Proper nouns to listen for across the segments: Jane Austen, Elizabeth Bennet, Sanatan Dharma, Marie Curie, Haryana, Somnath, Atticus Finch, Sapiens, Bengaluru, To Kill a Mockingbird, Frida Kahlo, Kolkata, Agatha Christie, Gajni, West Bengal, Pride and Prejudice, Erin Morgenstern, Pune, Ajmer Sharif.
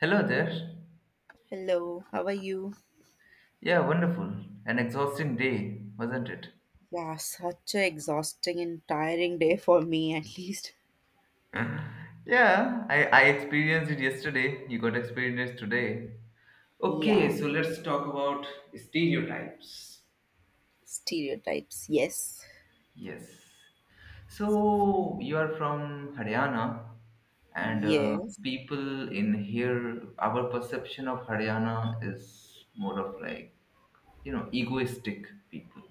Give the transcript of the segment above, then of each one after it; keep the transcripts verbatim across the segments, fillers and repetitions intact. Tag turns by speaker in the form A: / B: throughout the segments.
A: Hello there.
B: Hello, how are you?
A: Yeah, wonderful. An exhausting day, wasn't it?
B: Yeah, such a exhausting and tiring day for me, at least.
A: Yeah, I, I experienced it yesterday. You got experience today. Okay,
B: Yeah,
A: so let's talk about stereotypes.
B: stereotypes. Yes,
A: Yes. So you are from Haryana, and uh,
B: yes,
A: people in here, our perception of Haryana is more of like, you know, egoistic people,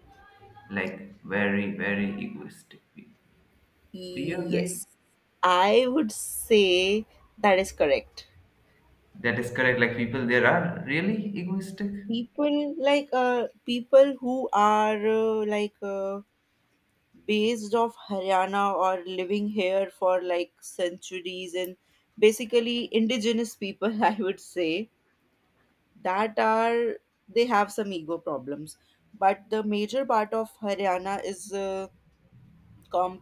A: like very, very egoistic people. Do you agree?
B: yes. I would say that is correct.
A: That is correct. Like people there are really egoistic.
B: People like uh, people who are uh, like uh, based off Haryana or living here for like centuries and basically indigenous people, I would say. That are they have some ego problems, but the major part of Haryana is, uh, com,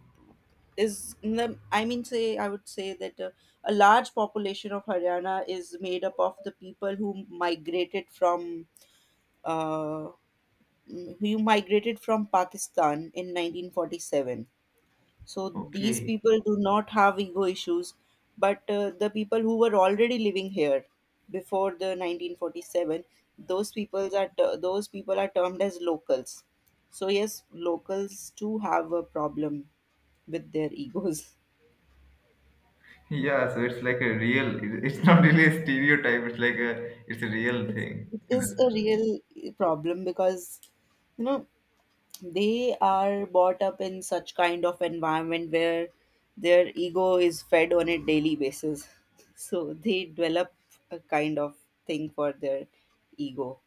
B: is in the, I mean, say, I would say that, uh, a large population of Haryana is made up of the people who migrated from, uh, who migrated from pakistan in nineteen forty-seven. So these
A: Okay.
B: people do not have ego issues, but uh, the people who were already living here before the nineteen forty-seven, those people are t- those people are termed as locals. So yes, locals too have a problem with their egos.
A: Yeah, so it's like a real, it- it's not really a stereotype, it's like a, it's a real
B: It's,
A: thing
B: it
A: in a
B: is a
A: sense.
B: real problem because you know they are brought up in such kind of environment where their ego is fed on a daily basis, so they develop a kind of thing for their ego.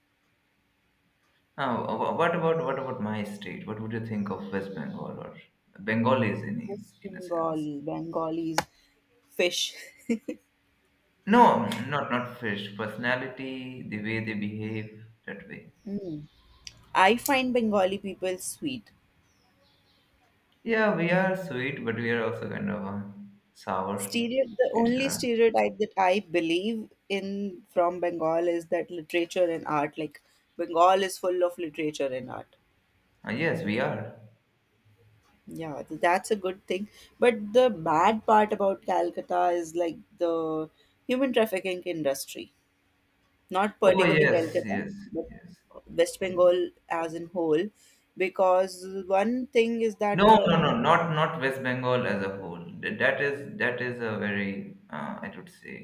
A: Now, wha- what about, what about my state? What would you think of West Bengal or Bengalis in,
B: Yes,
A: is- in a
B: bengali
A: sense?
B: bengalis fish.
A: No, not, not fish. Personality, the way they behave, that way.
B: Hmm. I find Bengali people sweet.
A: Yeah, we are sweet, but we are also kind of uh, sour.
B: Stereo the
A: It's,
B: only
A: uh,
B: stereotype that I believe in from Bengal is that literature and art. Like Bengal is full of literature and art.
A: uh, yes, we are.
B: Yeah, th- that's a good thing. But the bad part about Calcutta is like the human trafficking industry, not
A: Oh
B: particularly
A: yes,
B: Calcutta,
A: yes,
B: but
A: yes,
B: West
A: yes.
B: Bengal as in whole, because one thing is that,
A: No,
B: uh,
A: no, no, not not West Bengal as a whole. Th- That is that is a very, uh, I would say,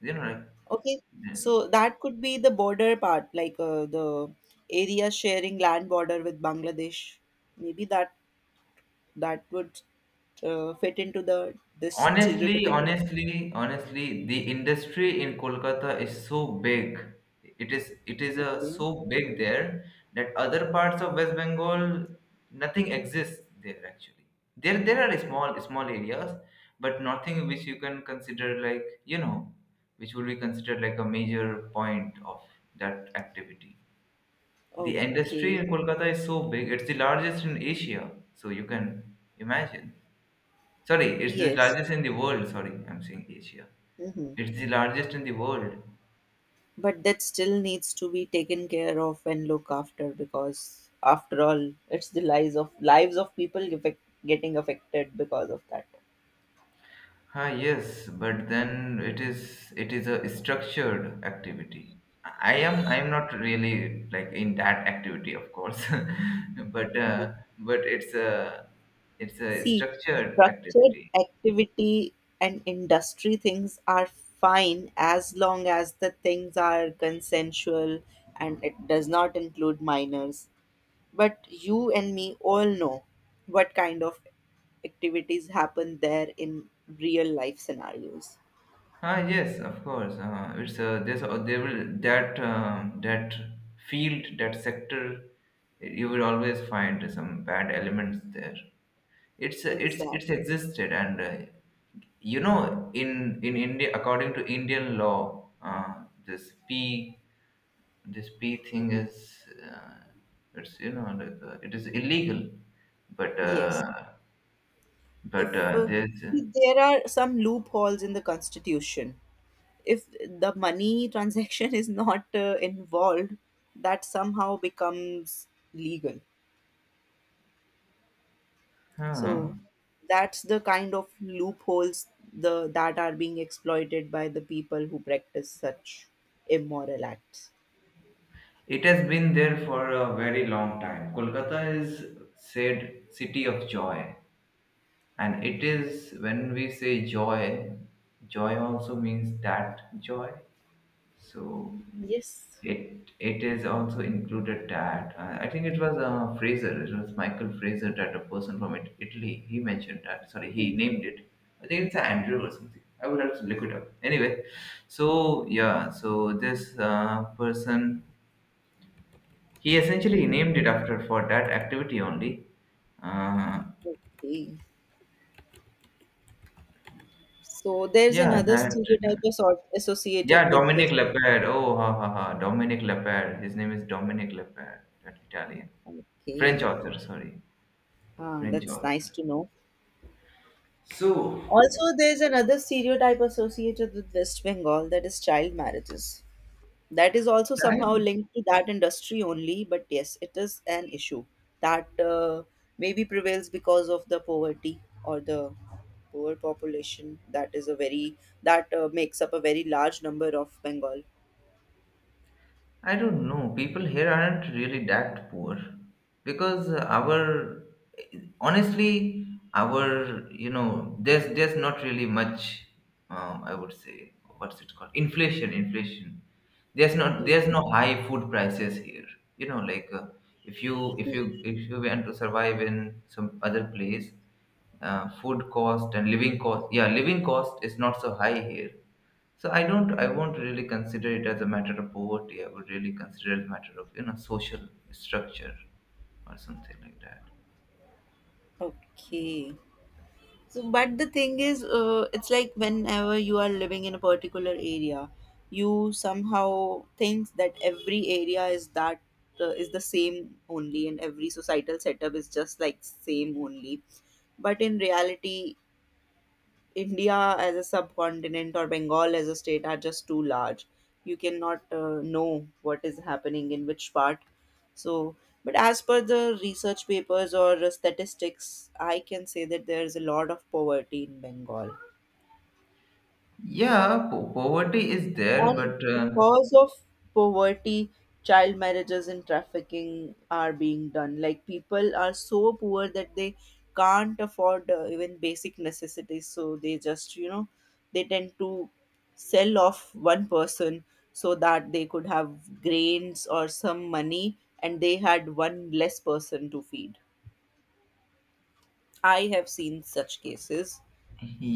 A: you know
B: okay,
A: like.
B: so that could be the border part, like uh, the area sharing land border with Bangladesh. Maybe that that would uh, fit into the this
A: Honestly,
B: stereotypical.
A: honestly, honestly, the industry in Kolkata is so big. It is it is uh,
B: Okay.
A: so big there that other parts of West Bengal nothing exists there actually. There there are small small areas, but nothing which you can consider, like, you know, which would be considered like a major point of that activity. The industry
B: Okay.
A: in Kolkata is so big; it's the largest in Asia. So you can imagine. Sorry, it's the
B: Yes.
A: largest in the world. Sorry, I'm saying Asia.
B: Mm-hmm.
A: It's the largest in the world.
B: But that still needs to be taken care of and look after, because after all it's the lives of, lives of people effect, getting affected because of that.
A: Ah, yes, but then it is it is a structured activity. I am I am not really like in that activity, of course, but uh, but it's a it's a
B: See,
A: structured
B: structured
A: activity.
B: activity and industry things are fine as long as the things are consensual and it does not include minors, but you and me all know what kind of activities happen there in real life scenarios.
A: Ah, yes, of course. Uh, it's uh, there's uh, there will, that um, that field, that sector, you will always find some bad elements there. It's uh, it's it's
B: Exactly.
A: existed. And uh, you know in in India, according to Indian law, uh, this P this P thing is, uh, it's you know like, uh, it is illegal, but
B: Yes.
A: uh, but
B: If
A: uh,
B: uh,
A: there's, uh,
B: See, there are some loopholes in the Constitution, if the money transaction is not uh, involved, that somehow becomes legal.
A: huh.
B: So that's the kind of loopholes the that are being exploited by the people who practice such immoral acts.
A: It has been there for a very long time. Kolkata is said city of joy, and it is when we say joy, joy also means that joy. So
B: Yes.
A: it it is also included that. Uh, I think it was uh, Fraser. It was Michael Fraser, that a person from it, Italy. He mentioned that. Sorry, he
B: Mhm.
A: named it. I think it's Andrew or something. I would have to look it up. Anyway, so yeah, so this uh, person he essentially
B: Mhm.
A: named it after for that activity only. Uh,
B: Okay. So there's
A: yeah,
B: another
A: that.
B: stereotype asso- associated
A: Yeah,
B: with
A: Dominic
B: wisdom.
A: Lepere. Oh, ha ha ha. Dominic Lepere. His name is Dominic Lepere. That Italian,
B: Okay.
A: French author. Sorry,
B: Ah,
A: French
B: that's nice
A: author.
B: to know.
A: So,
B: Also, there's another stereotype associated with West Bengal, that is child marriages. That is also
A: shall
B: somehow
A: I?
B: linked to that industry only, but yes, it is an issue that, uh, maybe prevails because of the poverty or the poor population. That is a very, that uh, makes up a very large number of Bengal.
A: I don't know. People here aren't really that poor, because our, honestly, our, you know there's there's not really much, um, I would say, what's it called, inflation, inflation. There's not
B: Hmm.
A: there's no high food prices here, you know like, uh, if you if you if you want to survive in some other place, uh, food cost and living cost, yeah, living cost is not so high here. So I don't, I won't really consider it as a matter of poverty. I would really consider it a matter of, you know, social structure or something like that.
B: Okay. So, but the thing is, uh, it's like whenever you are living in a particular area, you somehow think that every area is that uh, is the same only, and every societal setup is just like same only. But in reality, India as a subcontinent or Bengal as a state are just too large. You cannot uh, know what is happening in which part. So, but as per the research papers or uh, statistics, I can say that there is a lot of poverty in Bengal.
A: Yeah, po- poverty is there,
B: And
A: but uh,
B: because of poverty, child marriages and trafficking are being done. Like people are so poor that they can't afford uh, even basic necessities, so they just you know they tend to sell off one person so that they could have grains or some money, and they had one less person to feed. I have seen such cases.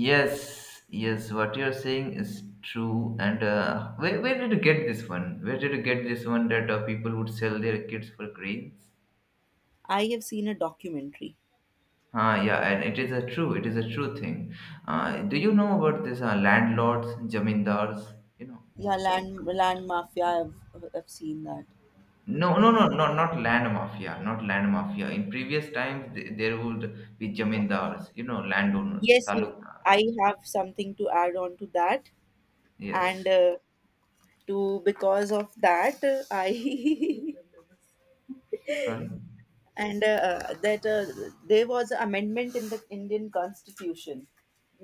A: yes, yes, what you're saying is true. And uh, where, where did you get this one? Where did you get this one that uh, people would sell their kids for grains?
B: I have seen a documentary.
A: Ah, yeah, and it is a true, it is a true thing. Uh, do you know about this uh, landlords, jamindars? You know.
B: Yeah, land land mafia. I've, I've seen that.
A: No, no, no, no, not land mafia, not land mafia. In previous times, th- there would be jamindars, you know, landowners,
B: Yes, yes,
A: talukdars.
B: I have something to add on to that, and,
A: Yes.
B: uh, to, because of that, uh, I
A: Sorry.
B: and, uh, that uh, there was an amendment in the Indian Constitution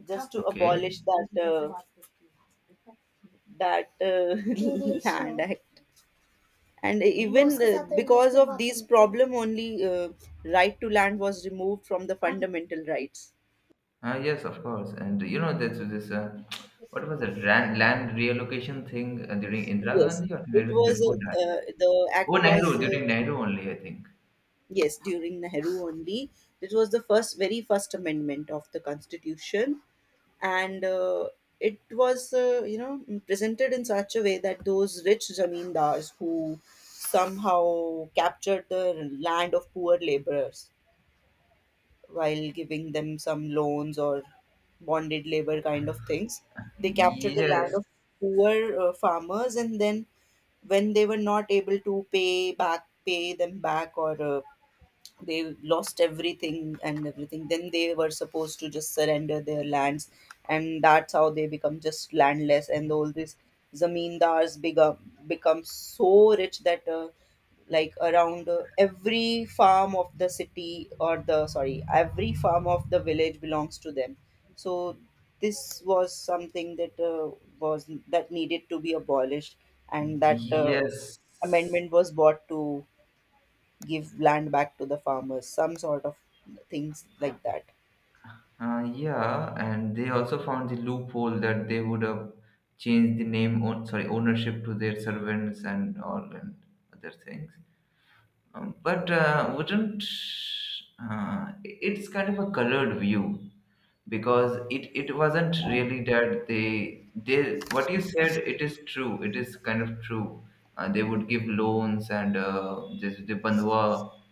B: just to
A: Okay.
B: abolish that uh, that uh, land act, and even uh, because of these problem, only uh, right to land was removed from the fundamental rights.
A: Uh, yes, of course. And you know, this this uh, what was it? Land, land reallocation thing uh, during Indira
B: Yes,
A: Gandhi, or
B: it
A: it was
B: was,
A: before
B: uh,
A: that?
B: uh, the
A: Oh,
B: act
A: Nehru,
B: was, uh,
A: during Nehru only, I think.
B: yes, during Nehru only. It was the first, very first amendment of the constitution, and uh, it was, uh, you know, presented in such a way that those rich zamindars who somehow captured the land of poor laborers while giving them some loans or bonded labor kind of things, they captured the land
A: Yes.
B: of poor uh, farmers, and then when they were not able to pay back, pay them back, or uh, they lost everything and everything, then they were supposed to just surrender their lands, and that's how they become just landless, and all these zamindars become become so rich that, uh, like around uh, every farm of the city, or the, sorry, every farm of the village belongs to them. So this was something that, uh, was that needed to be abolished, and that uh,
A: Yes.
B: amendment was brought to give land back to the farmers, some sort of things like that.
A: Uh, yeah, and they also found the loophole that they would have changed the name, own, sorry, ownership to their servants and all and other things. Um, but uh, wouldn't uh, it's kind of a colored view, because it it wasn't really that they they what you said, it is true, it is kind of true. Uh, they would give loans, and uh, this the bandhwa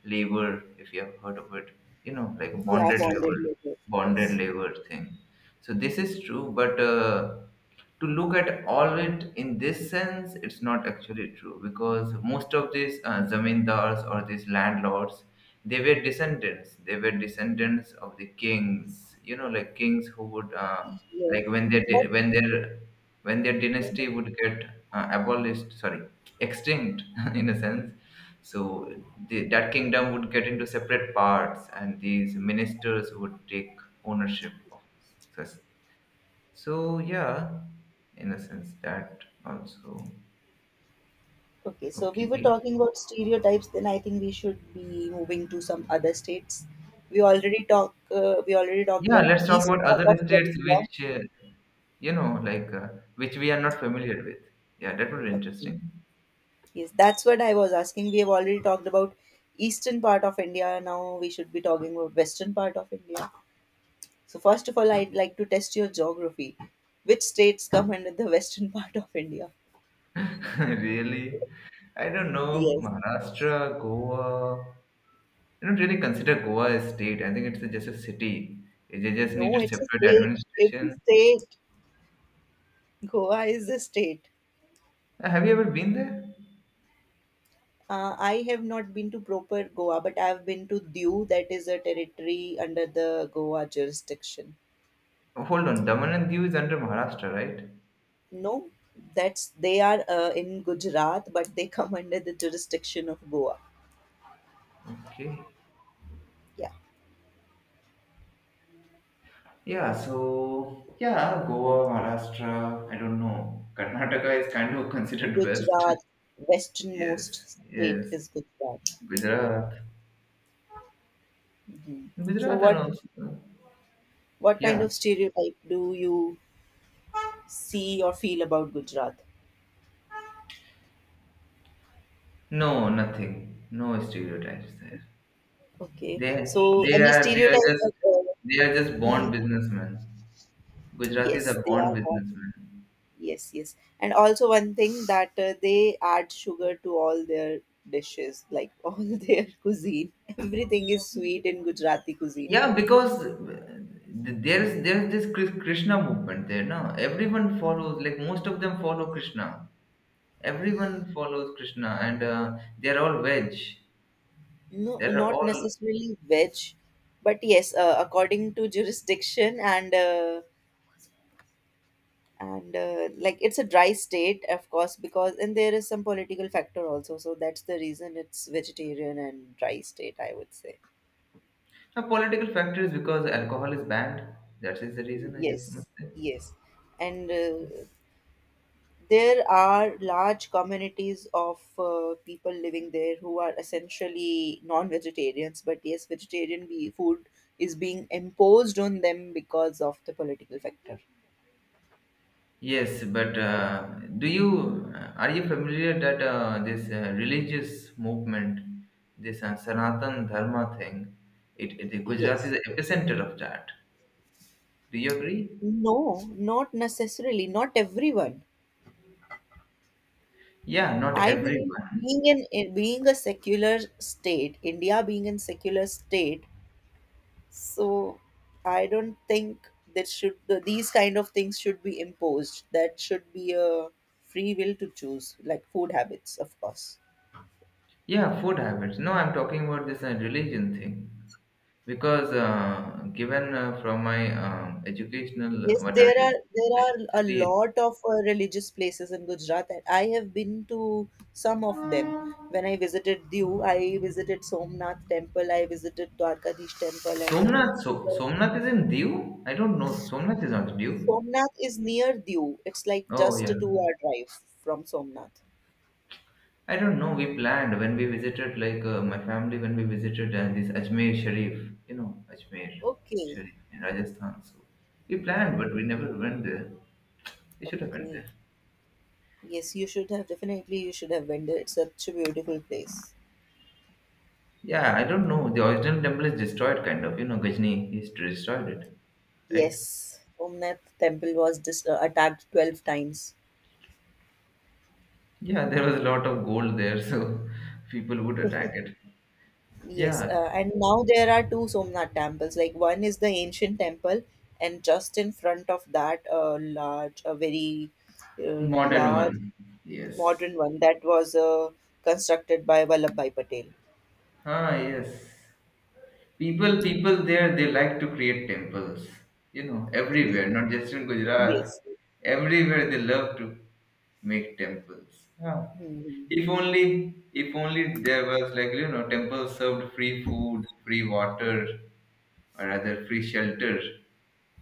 A: labor, if you have heard of it, you know like
B: Yeah,
A: bonded
B: bonded
A: labor,
B: labor. Yes.
A: bonded labor thing. So this is true, but uh, to look at all it in this sense, it's not actually true, because most of these uh, zamindars or these landlords, they were descendants. They were descendants of the kings. You know, like kings who would, uh,
B: Yes.
A: like when their
B: But,
A: di- when their when their
B: mm.
A: dynasty would get uh, abolished, sorry, extinct in a sense. So the, that kingdom would get into separate parts, and these ministers would take ownership of such. So yeah, in a sense that also.
B: Okay, so we were
A: Okay.
B: talking about stereotypes, then I think we should be moving to some other states. We already talk. Uh, we already talked
A: Yeah,
B: about
A: let's talk
B: east
A: about
B: part
A: other
B: of the
A: states
B: India.
A: which uh, you know like, uh, which we are not familiar with. Yeah, that would be
B: Okay.
A: interesting.
B: Yes, that's what I was asking. We have already talked about eastern part of India. Now we should be talking about western part of India. So, first of all, I'd like to test your geography. Which states come under the western part of India?
A: Really, I don't know.
B: Yes.
A: Maharashtra, Goa. I don't really consider Goa a state. I think it's just a city. It They just
B: No,
A: needed
B: it's a
A: separate
B: state. It's a
A: administration.
B: state. Goa is a state.
A: Uh, Have you ever been there?
B: Uh, I have not been to proper Goa, but I've been to Diu, that is a territory under the Goa jurisdiction.
A: Oh, hold on, Daman and Diu is under Maharashtra, right?
B: No, that's they are uh, in Gujarat, but they come under the jurisdiction of Goa.
A: Okay.
B: Yeah,
A: Yeah, so yeah, Goa, Maharashtra, I don't know. Karnataka is kind of considered best.
B: Gujarat,
A: Yes,
B: westernmost
A: yes.
B: state is Gujarat.
A: Gujarat.
B: So
A: Gujarat and
B: what
A: also
B: What kind
A: yeah.
B: of stereotype do you see or feel about Gujarat?
A: No, nothing. No stereotypes there.
B: Okay,
A: They
B: so
A: they
B: any
A: are they are
B: stereotype
A: just
B: at all?
A: they are just born
B: Hmm.
A: businessmen. Gujaratis
B: Yes,
A: are
B: they
A: born
B: are born.
A: businessmen.
B: Yes, yes. And also one thing that, uh, they add sugar to all their dishes, like, all their cuisine. Everything is sweet in Gujarati cuisine.
A: Yeah, because there's there's this Kris- Krishna movement there now. Everyone follows, like most of them follow Krishna. Everyone follows Krishna, and uh, they're all veg.
B: No,
A: They're
B: not
A: all
B: necessarily veg, but yes, uh, according to jurisdiction and uh, and uh, like it's a dry state of course, because and there is some political factor also, so that's the reason it's vegetarian and dry state, I would say.
A: uh, political factors because alcohol is banned. That is the reason I guess
B: Yes,
A: must say.
B: yes. And uh, there are large communities of uh, people living there who are essentially non-vegetarians, but yes, vegetarian be- food is being imposed on them because of the political factor.
A: Yes, but uh, do you uh, are you familiar that uh, this uh, religious movement, this uh, Sanatan Dharma thing, it, it Gujarat is
B: Yes.
A: the epicenter of that. Do you agree?
B: No, not necessarily, not everyone.
A: Yeah, not
B: I believe
A: everyone.
B: being in in- being a secular state, India being a secular state, so I don't think that should these kind of things should be imposed. That should be a free will to choose, like food habits, of course.
A: Yeah, food habits. No, I'm talking about this uh, religion thing. Because uh, given, uh, from my um, educational, uh,
B: Yes,
A: what I
B: there are there are a
A: studied,
B: lot of uh, religious places in Gujarat, and I have been to some of them. When I visited Diu, I visited Somnath Temple, I visited Dwarkadish Temple, and,
A: Somnath, so,
B: uh,
A: Somnath is in Diu? I don't know. Somnath is not Diu.
B: Somnath is near Diu. It's like
A: Oh
B: just a
A: yeah.
B: two-hour drive from Somnath.
A: I don't know. We planned when we visited, like uh, my family, when we visited uh, this Ajmer Sharif, you know, Ajmer
B: Okay.
A: Sharif in Rajasthan. So we
B: Yeah.
A: planned, but we never went there. We should have went
B: Okay.
A: there.
B: Yes, you should have definitely you should have been there. It's such a beautiful place.
A: Yeah, I don't know. The original temple is destroyed, kind of. You know, Gajni, he destroyed it, right?
B: Yes. Somnath temple was dis- uh, attacked twelve times.
A: Yeah, there was a lot of gold there, so people would attack it.
B: Yes,
A: Yeah,
B: uh, and now there are two Somnath temples. Like one is the ancient temple, and just in front of that, a large, a very, uh,
A: modern
B: large
A: one. Yes.
B: modern one that was uh, constructed by Vallabhbhai Patel.
A: Ah, yes. People, people there, they like to create temples. You know, everywhere, not just in Gujarat.
B: Yes.
A: Everywhere they love to make temples. Ah.
B: Mhm.
A: If only, if only there was, like, you know, temple served free food, free water, or rather free shelter.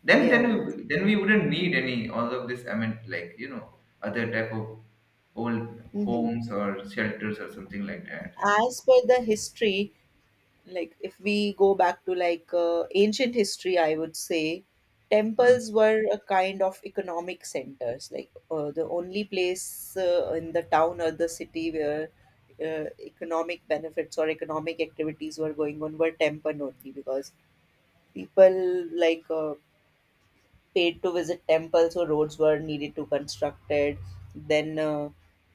A: Then, then,
B: Yeah.
A: we, then we wouldn't need any all of this. I mean, like, you know, other type of old
B: Hmm.
A: homes or shelters or something like that. You know.
B: As per the history, like if we go back to like uh, ancient history, I would say
A: Uh,
B: temples were a kind of economic centers, like uh, the only place uh, in the town or the city where uh, economic benefits or economic activities were going on were temple only, because people like uh, paid to visit temples, so roads were needed to constructed. Then, uh,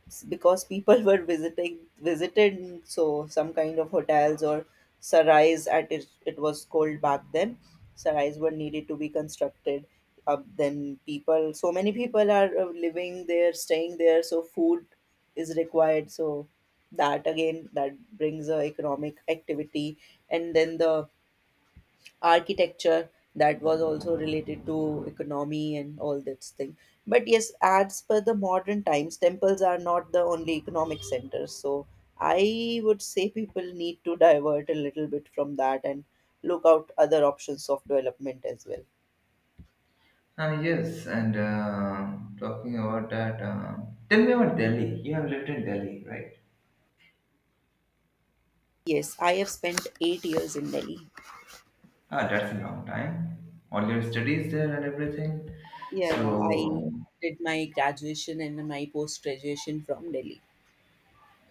B: s- because people were visiting visited, so some kind of hotels or sarais, at it, it was called back then, sarais were needed to be constructed. Uh, then people, so many people are uh, living there staying there, so food is required, so that again that brings a economic activity. And then the architecture, that was also related to economy and all that thing. But yes, as per the modern times, temples are not the only economic centers, so I would say people need to divert a little bit from that and look out other options of development as well.
A: Ah, yes, and um talking about that, um tell me about Delhi. You have lived in Delhi, right?
B: Yes, I have spent eight years in Delhi.
A: Ah, that's a long time. All your studies there and everything.
B: Yeah, yeah, I
A: So,
B: did my graduation and my post graduation from Delhi.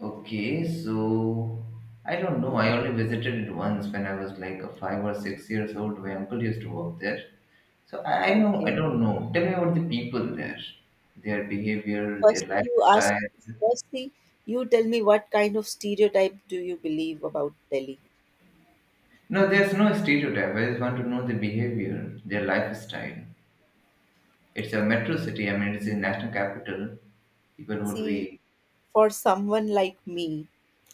A: okay, so I don't know. I
B: Mhm.
A: only visited it once when I was like a five or six years old. My uncle used to work there. So I I know, I
B: Okay.
A: don't know. Tell me about the people there, their behavior, their
B: Firstly, you ask.
A: lifestyle.
B: Firstly, you tell me what kind of stereotype do you believe about Delhi?
A: No, there's no stereotype. I just want to know the behavior, their lifestyle. It's a metro city. I mean, it's a national capital. People would
B: See,
A: be.
B: for someone like me,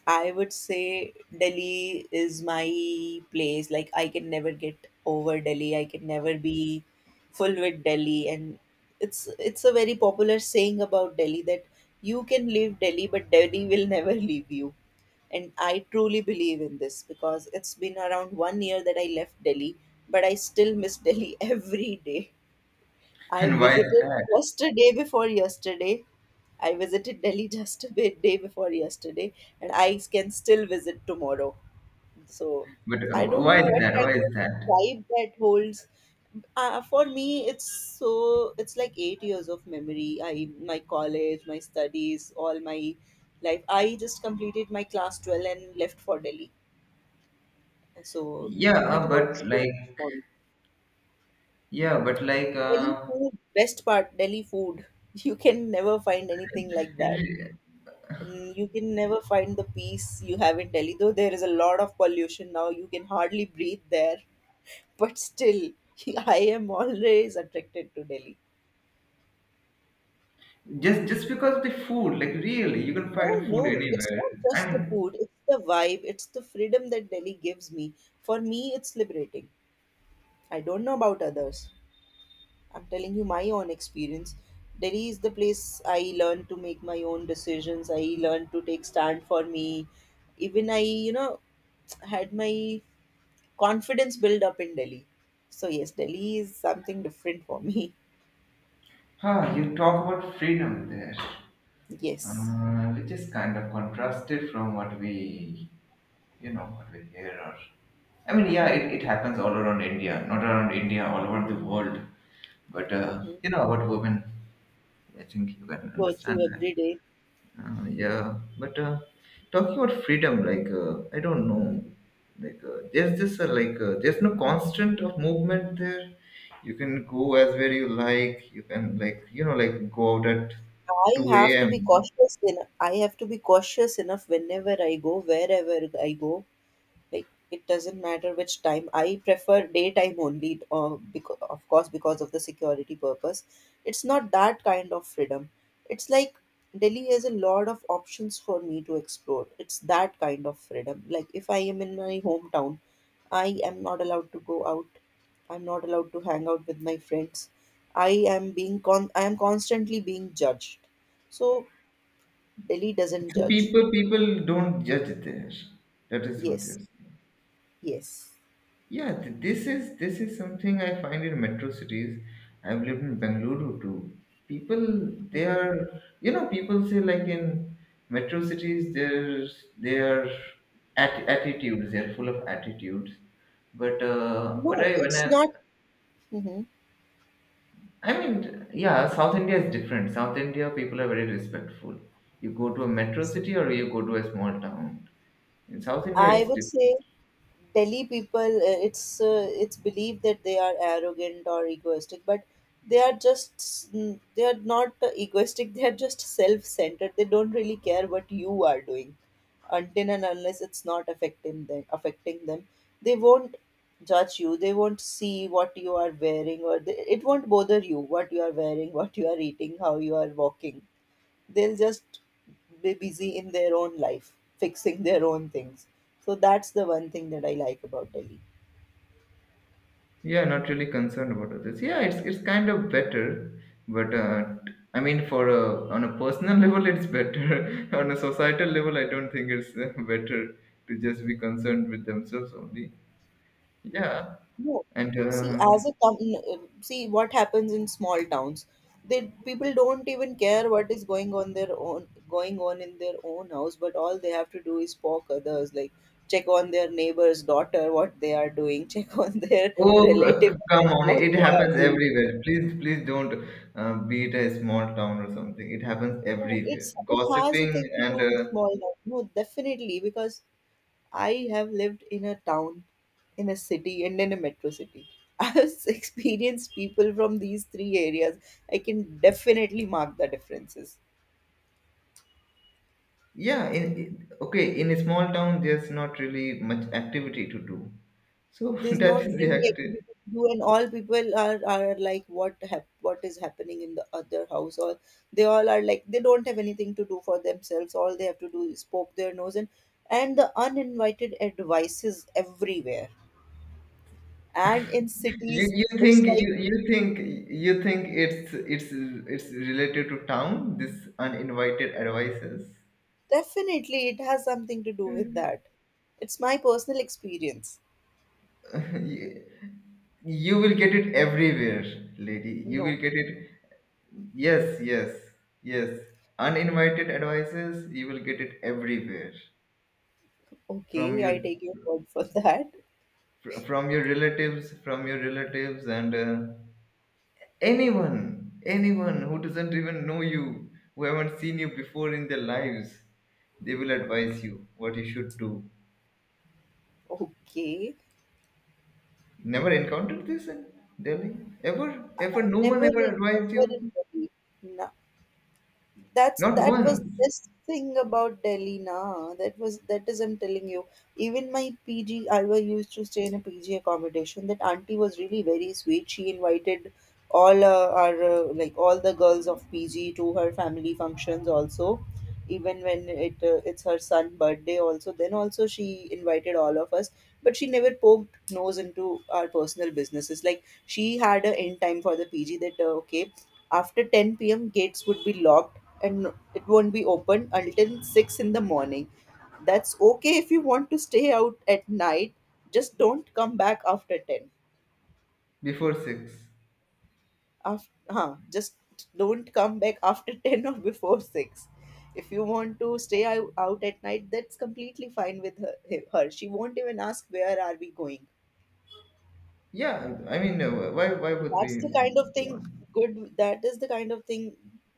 B: I would say Delhi is my place. Like, I can never get over Delhi. I can never be full with Delhi. And it's it's a very popular saying about Delhi that you can leave Delhi, but Delhi will never leave you. And I truly believe in this because it's been around one year that I left Delhi, but I still miss Delhi every day. I
A: And why is
B: visited
A: that?
B: just a day before yesterday. I visited Delhi just a bit day before yesterday, and I can still visit tomorrow. So
A: But uh,
B: I don't
A: why
B: know
A: is
B: what
A: that? Why
B: kind
A: is
B: of
A: that?
B: vibe that holds. Uh, for me, it's so it's like eight years of memory. I my college, my studies, all my life. I just completed my class twelve and left for Delhi. So
A: Yeah,
B: it
A: uh,
B: holds
A: but
B: so much
A: like,
B: for me.
A: yeah, but like,
B: Delhi
A: uh,
B: food, best part, Delhi food. You can never find anything like that. And you can never find the peace you have in Delhi, though there is a lot of pollution now. You can hardly breathe there. But still, I am always attracted to Delhi.
A: Just just because of the food, like really, you can
B: Oh
A: find food
B: no, it's
A: anywhere.
B: not
A: I
B: just the
A: mean,
B: food, it's the vibe, it's the freedom that Delhi gives me. For me, it's liberating. I don't know about others. I'm telling you my own experience. Delhi is the place I learned to make my own decisions. I learned to take stand for me. Even I, you know, had my confidence build up in Delhi. So yes, Delhi is something different for me.
A: ah, you talk about freedom there,
B: Yes.
A: uh, which is kind of contrasted from what we, you know, what we hear. Or, I mean, yeah, it, it happens all around India, not around India, all over the world. But uh,
B: Hmm.
A: you know, about women, I think you can
B: Go
A: understand
B: through
A: that.
B: every day.
A: Uh, yeah, but uh, talking about freedom, like uh, I don't know, like uh, there's this uh, like uh, there's no constant of movement there. You can go as where you like. You can, like, you know like, go out at
B: I have
A: two
B: to be
A: a.m.
B: cautious. In, I have to be cautious enough whenever I go, wherever I go, like it doesn't matter which time, I prefer daytime only or because, of course, because of the security purpose. It's not that kind of freedom. It's like Delhi has a lot of options for me to explore. It's that kind of freedom. Like if I am in my hometown, I am not allowed to go out. I'm not allowed to hang out with my friends. i am being con I am constantly being judged. So Delhi doesn't
A: So
B: judge.
A: people people don't judge there. That is what
B: Yes.
A: you're saying.
B: Yes.
A: Yeah, th- this is this is something I find in metro cities. I've lived in Bengaluru too. People, they are, you know, people say like in metro cities, there's they are at, attitudes. They're full of attitudes. But uh, what
B: No,
A: I when
B: it's
A: I
B: not. Mhm.
A: I mean, yeah, South India is different. South India people are very respectful. You go to a metro city or you go to a small town. In South India,
B: I
A: it's
B: would say
A: different.
B: Delhi people, uh, it's uh, it's believed that they are arrogant or egoistic, but they are just mm, they are not uh, egoistic. They are just self-centered. They don't really care what you are doing, until and unless it's not affecting them. Affecting them, they won't judge you. They won't see what you are wearing, or they, it won't bother you what you are wearing, what you are eating, how you are walking. They'll just be busy in their own life, fixing their own things. So that's the one thing that I like about Delhi.
A: Yeah, not really concerned about others. Yeah, it's it's kind of better, but uh, t- I mean, for a, on a personal level, it's better. On a societal level, I don't think it's uh, better to just be concerned with themselves only. Yeah,
B: No,
A: and
B: see,
A: uh,
B: as a com- see what happens in small towns, they people don't even care what is going on their own going on in their own house, but all they have to do is poke others, like check on their neighbor's daughter, what they are doing, check on their
A: oh, c-
B: relative,
A: c- come on,
B: what
A: it
B: they are
A: happens
B: doing.
A: everywhere. Please, please don't uh, be it a small town or something. It happens
B: No,
A: everywhere.
B: it's it has a
A: Gossiping
B: thing to
A: and
B: do with
A: uh,
B: small town. No, definitely because I have lived in a town, in a city, and in a metro city. I have experienced people from these three areas. I can definitely mark the differences.
A: Yeah, in, in- okay, in a small town, there's not really much activity to do. So
B: There's
A: that
B: not
A: is the
B: really activity
A: active.
B: to do, and all people are, are like, what hap- what is happening in the other house? Or they all are like, they don't have anything to do for themselves. All they have to do is poke their nose and and the uninvited advice is everywhere. And in
A: You
B: cities,
A: you
B: it's
A: think
B: like.
A: you you think you think it's it's it's related to town, this uninvited advices.
B: Definitely, it has something to do with that. It's my personal experience.
A: you, you will get it everywhere, lady. You
B: No,
A: will get it. Yes, yes, yes. Uninvited advices, you will get it everywhere from
B: okay,
A: your
B: I take your word for that.
A: fr- from your relatives, from your relatives, and. Uh, Anyone, anyone who doesn't even know you, who haven't seen you before in their lives, they will advise you what you should do.
B: Okay,
A: Never encountered this in Delhi? Ever? Ever? No one
B: never, in-
A: ever advised
B: never in
A: you?
B: Delhi. That's
A: Not
B: that was the
A: once
B: best thing about Delhi na, that was that is I'm telling you. Even my P G, I was used to stay in a P G accommodation. That auntie was really very sweet. She invited all uh, our uh, like all the girls of P G to her family functions also. Even when it uh, it's her son birthday also, then also she invited all of us. But she never poked nose into our personal businesses. Like she had a end time for the P G that uh, okay, after ten p m gates would be locked and it won't be open until six in the morning. That's okay, if you want to stay out at night, just don't come back after ten.
A: before six.
B: After, huh, just don't come back after ten or before six. If you want to stay ou- out at night, that's completely fine with her. Her she won't even ask where are we going.
A: Yeah, I mean, uh, why, why would
B: That's the
A: we?
B: kind of thing good. That is the kind of thing,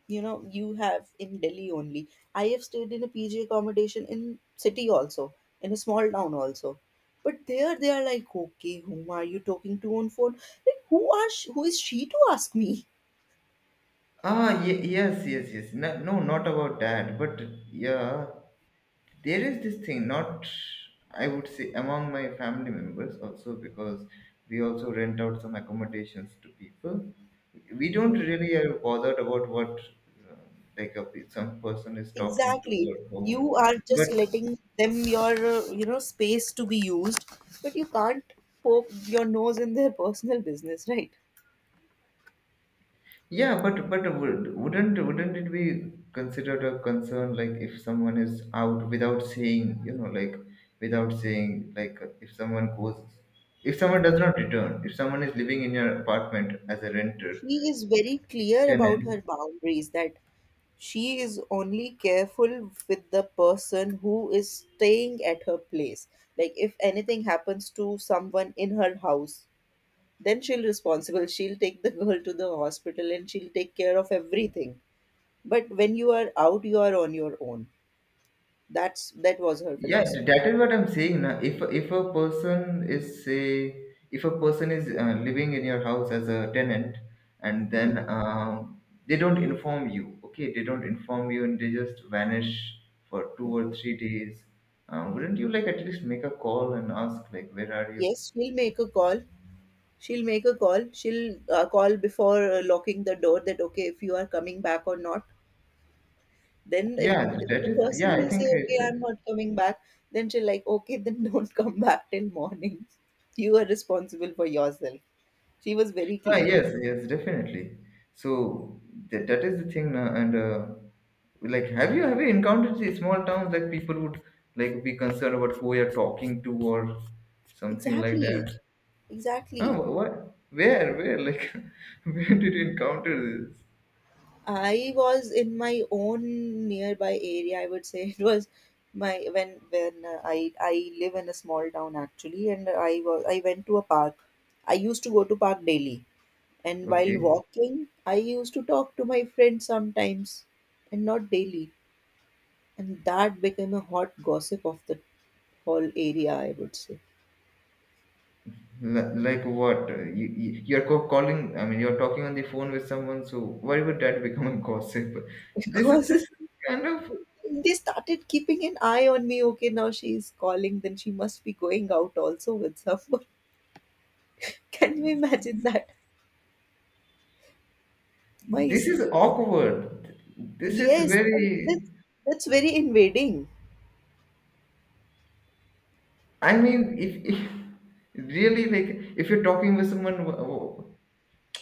B: you know, you have in Delhi only. I have stayed in a P G accommodation in city also, in a small town also. But there they are like, okay, whom are you talking to on phone? Like, who are sh- who is she to ask me?
A: Ah, ye- yes, yes, yes. No, no, not about that. But yeah, there is this thing not I would say among my family members also, because we also rent out some accommodations to people. We don't
B: Hmm.
A: really are bothered about what uh, like a, pe- some person is talking to
B: Exactly.
A: or
B: You
A: whom,
B: are just
A: but
B: letting them your uh, you know, space to be used, but you can't poke your nose in their personal business, right?
A: yeah, but but would- wouldn't wouldn't it be considered a concern, like if someone is out without saying, you know, like without saying, like if someone goes, if someone does not return, if someone is living in your apartment as a renter,
B: She is very clear about
A: tenant.
B: her boundaries that she is only careful with the person who is staying at her place. Like if anything happens to someone in her house, then she'll responsible, she'll take the girl to the hospital and she'll take care of everything. But when you are out, you are on your own. That's that was her
A: Yeah, th-
B: philosophy.
A: that is what I'm saying. Now if if a person is say, if a person is uh, living in your house as a tenant, and then
B: Hmm.
A: um, they don't inform you, okay, they don't inform you, and they just vanish for two or
B: Hmm.
A: three days um, Wouldn't you like at least make a call and ask, like, where are you?
B: Yes, she'll make a call. She'll make a call. She'll uh, call before uh, locking the door that, okay, if you are coming back or not. Then, if,
A: Yeah,
B: if
A: that
B: the
A: is,
B: person
A: yeah, I
B: will say,
A: think
B: okay,
A: it's
B: I'm not coming back, then she'll like, okay, then don't come back till morning. You are responsible for yourself. She was very
A: Ah,
B: clear.
A: yes, yes, definitely. So that, that is the thing, uh, and uh, like, have you have you encountered these small towns, like people would like be concerned about who you're talking to or something like
B: Exactly,
A: that? Ah,
B: exactly.
A: wh- what? Where? Where? Like, where did you encounter this?
B: I was in my own nearby area. I would say it was my when when uh, I I live in a small town actually, and I was I went to a park. I used to go to park daily. And while
A: Okay,
B: walking, I used to talk to my friends sometimes and not daily. And that became a hot gossip of the whole area, I would say.
A: L- like what? Uh, you, you- you're co- calling. I mean, you're talking on the phone with someone. So why would that become a gossip? This is this
B: Because
A: is kind of,
B: they started keeping an eye on me. Okay, now she's calling, then she must be going out also with someone. Can you imagine that? My,
A: this
B: s-
A: is
B: my
A: awkward. This is
B: yes, that's,
A: very
B: that's very invading.
A: I mean, if, if really, like if you're talking with someone, wh- wh-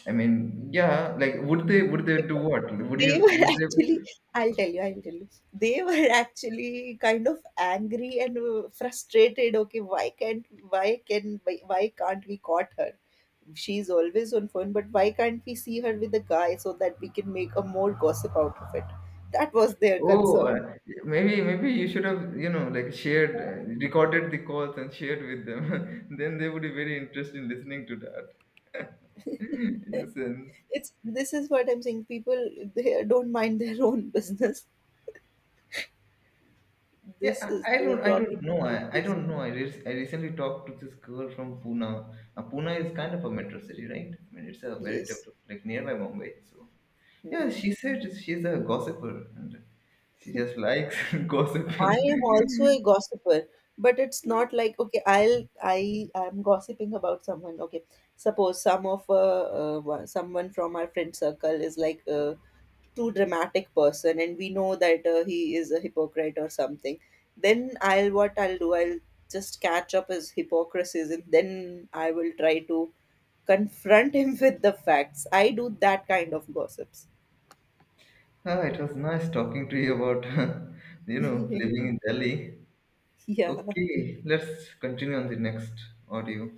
A: I mean, yeah, like would they, would they do
B: Because
A: what? Would
B: they
A: you,
B: were
A: would they?
B: actually, i'll tell you I'll tell you they were actually kind of angry and uh, frustrated. Okay, why can't why can why, why can't we caught her? She's always on phone, but why can't we see her with a guy so that we can make a more gossip out of it? That was their
A: Oh,
B: concern.
A: uh, maybe, maybe you should have, you know, like shared, uh, recorded the calls and shared with them. Then they would be very interested in listening to that. In a sense.
B: It's This is what I'm saying, people, they don't mind their own business. This
A: Yeah,
B: is
A: I, I
B: the
A: don't, I don't
B: problem.
A: know. I, I don't know. I, re- I recently talked to this girl from Pune. Uh, Pune is kind of a metro city, right? I mean, it's a very
B: Yes.
A: developed, like nearby Mumbai. So yeah,
B: Hmm.
A: she said she's a gossiper, and she just likes
B: I
A: gossiping.
B: am also a gossiper, but it's not like okay, I'll I am gossiping about someone. Okay, suppose some of uh, uh, one- someone from our friend circle is like a too dramatic person, and we know that uh, he is a hypocrite or something. Then I'll what I'll do, I'll just catch up his hypocrisies, and then I will try to confront him with the facts. I do that kind of gossips.
A: Ah, it was nice talking to you about, you know, living in Delhi.
B: Yeah.
A: Okay, let's continue on the next audio.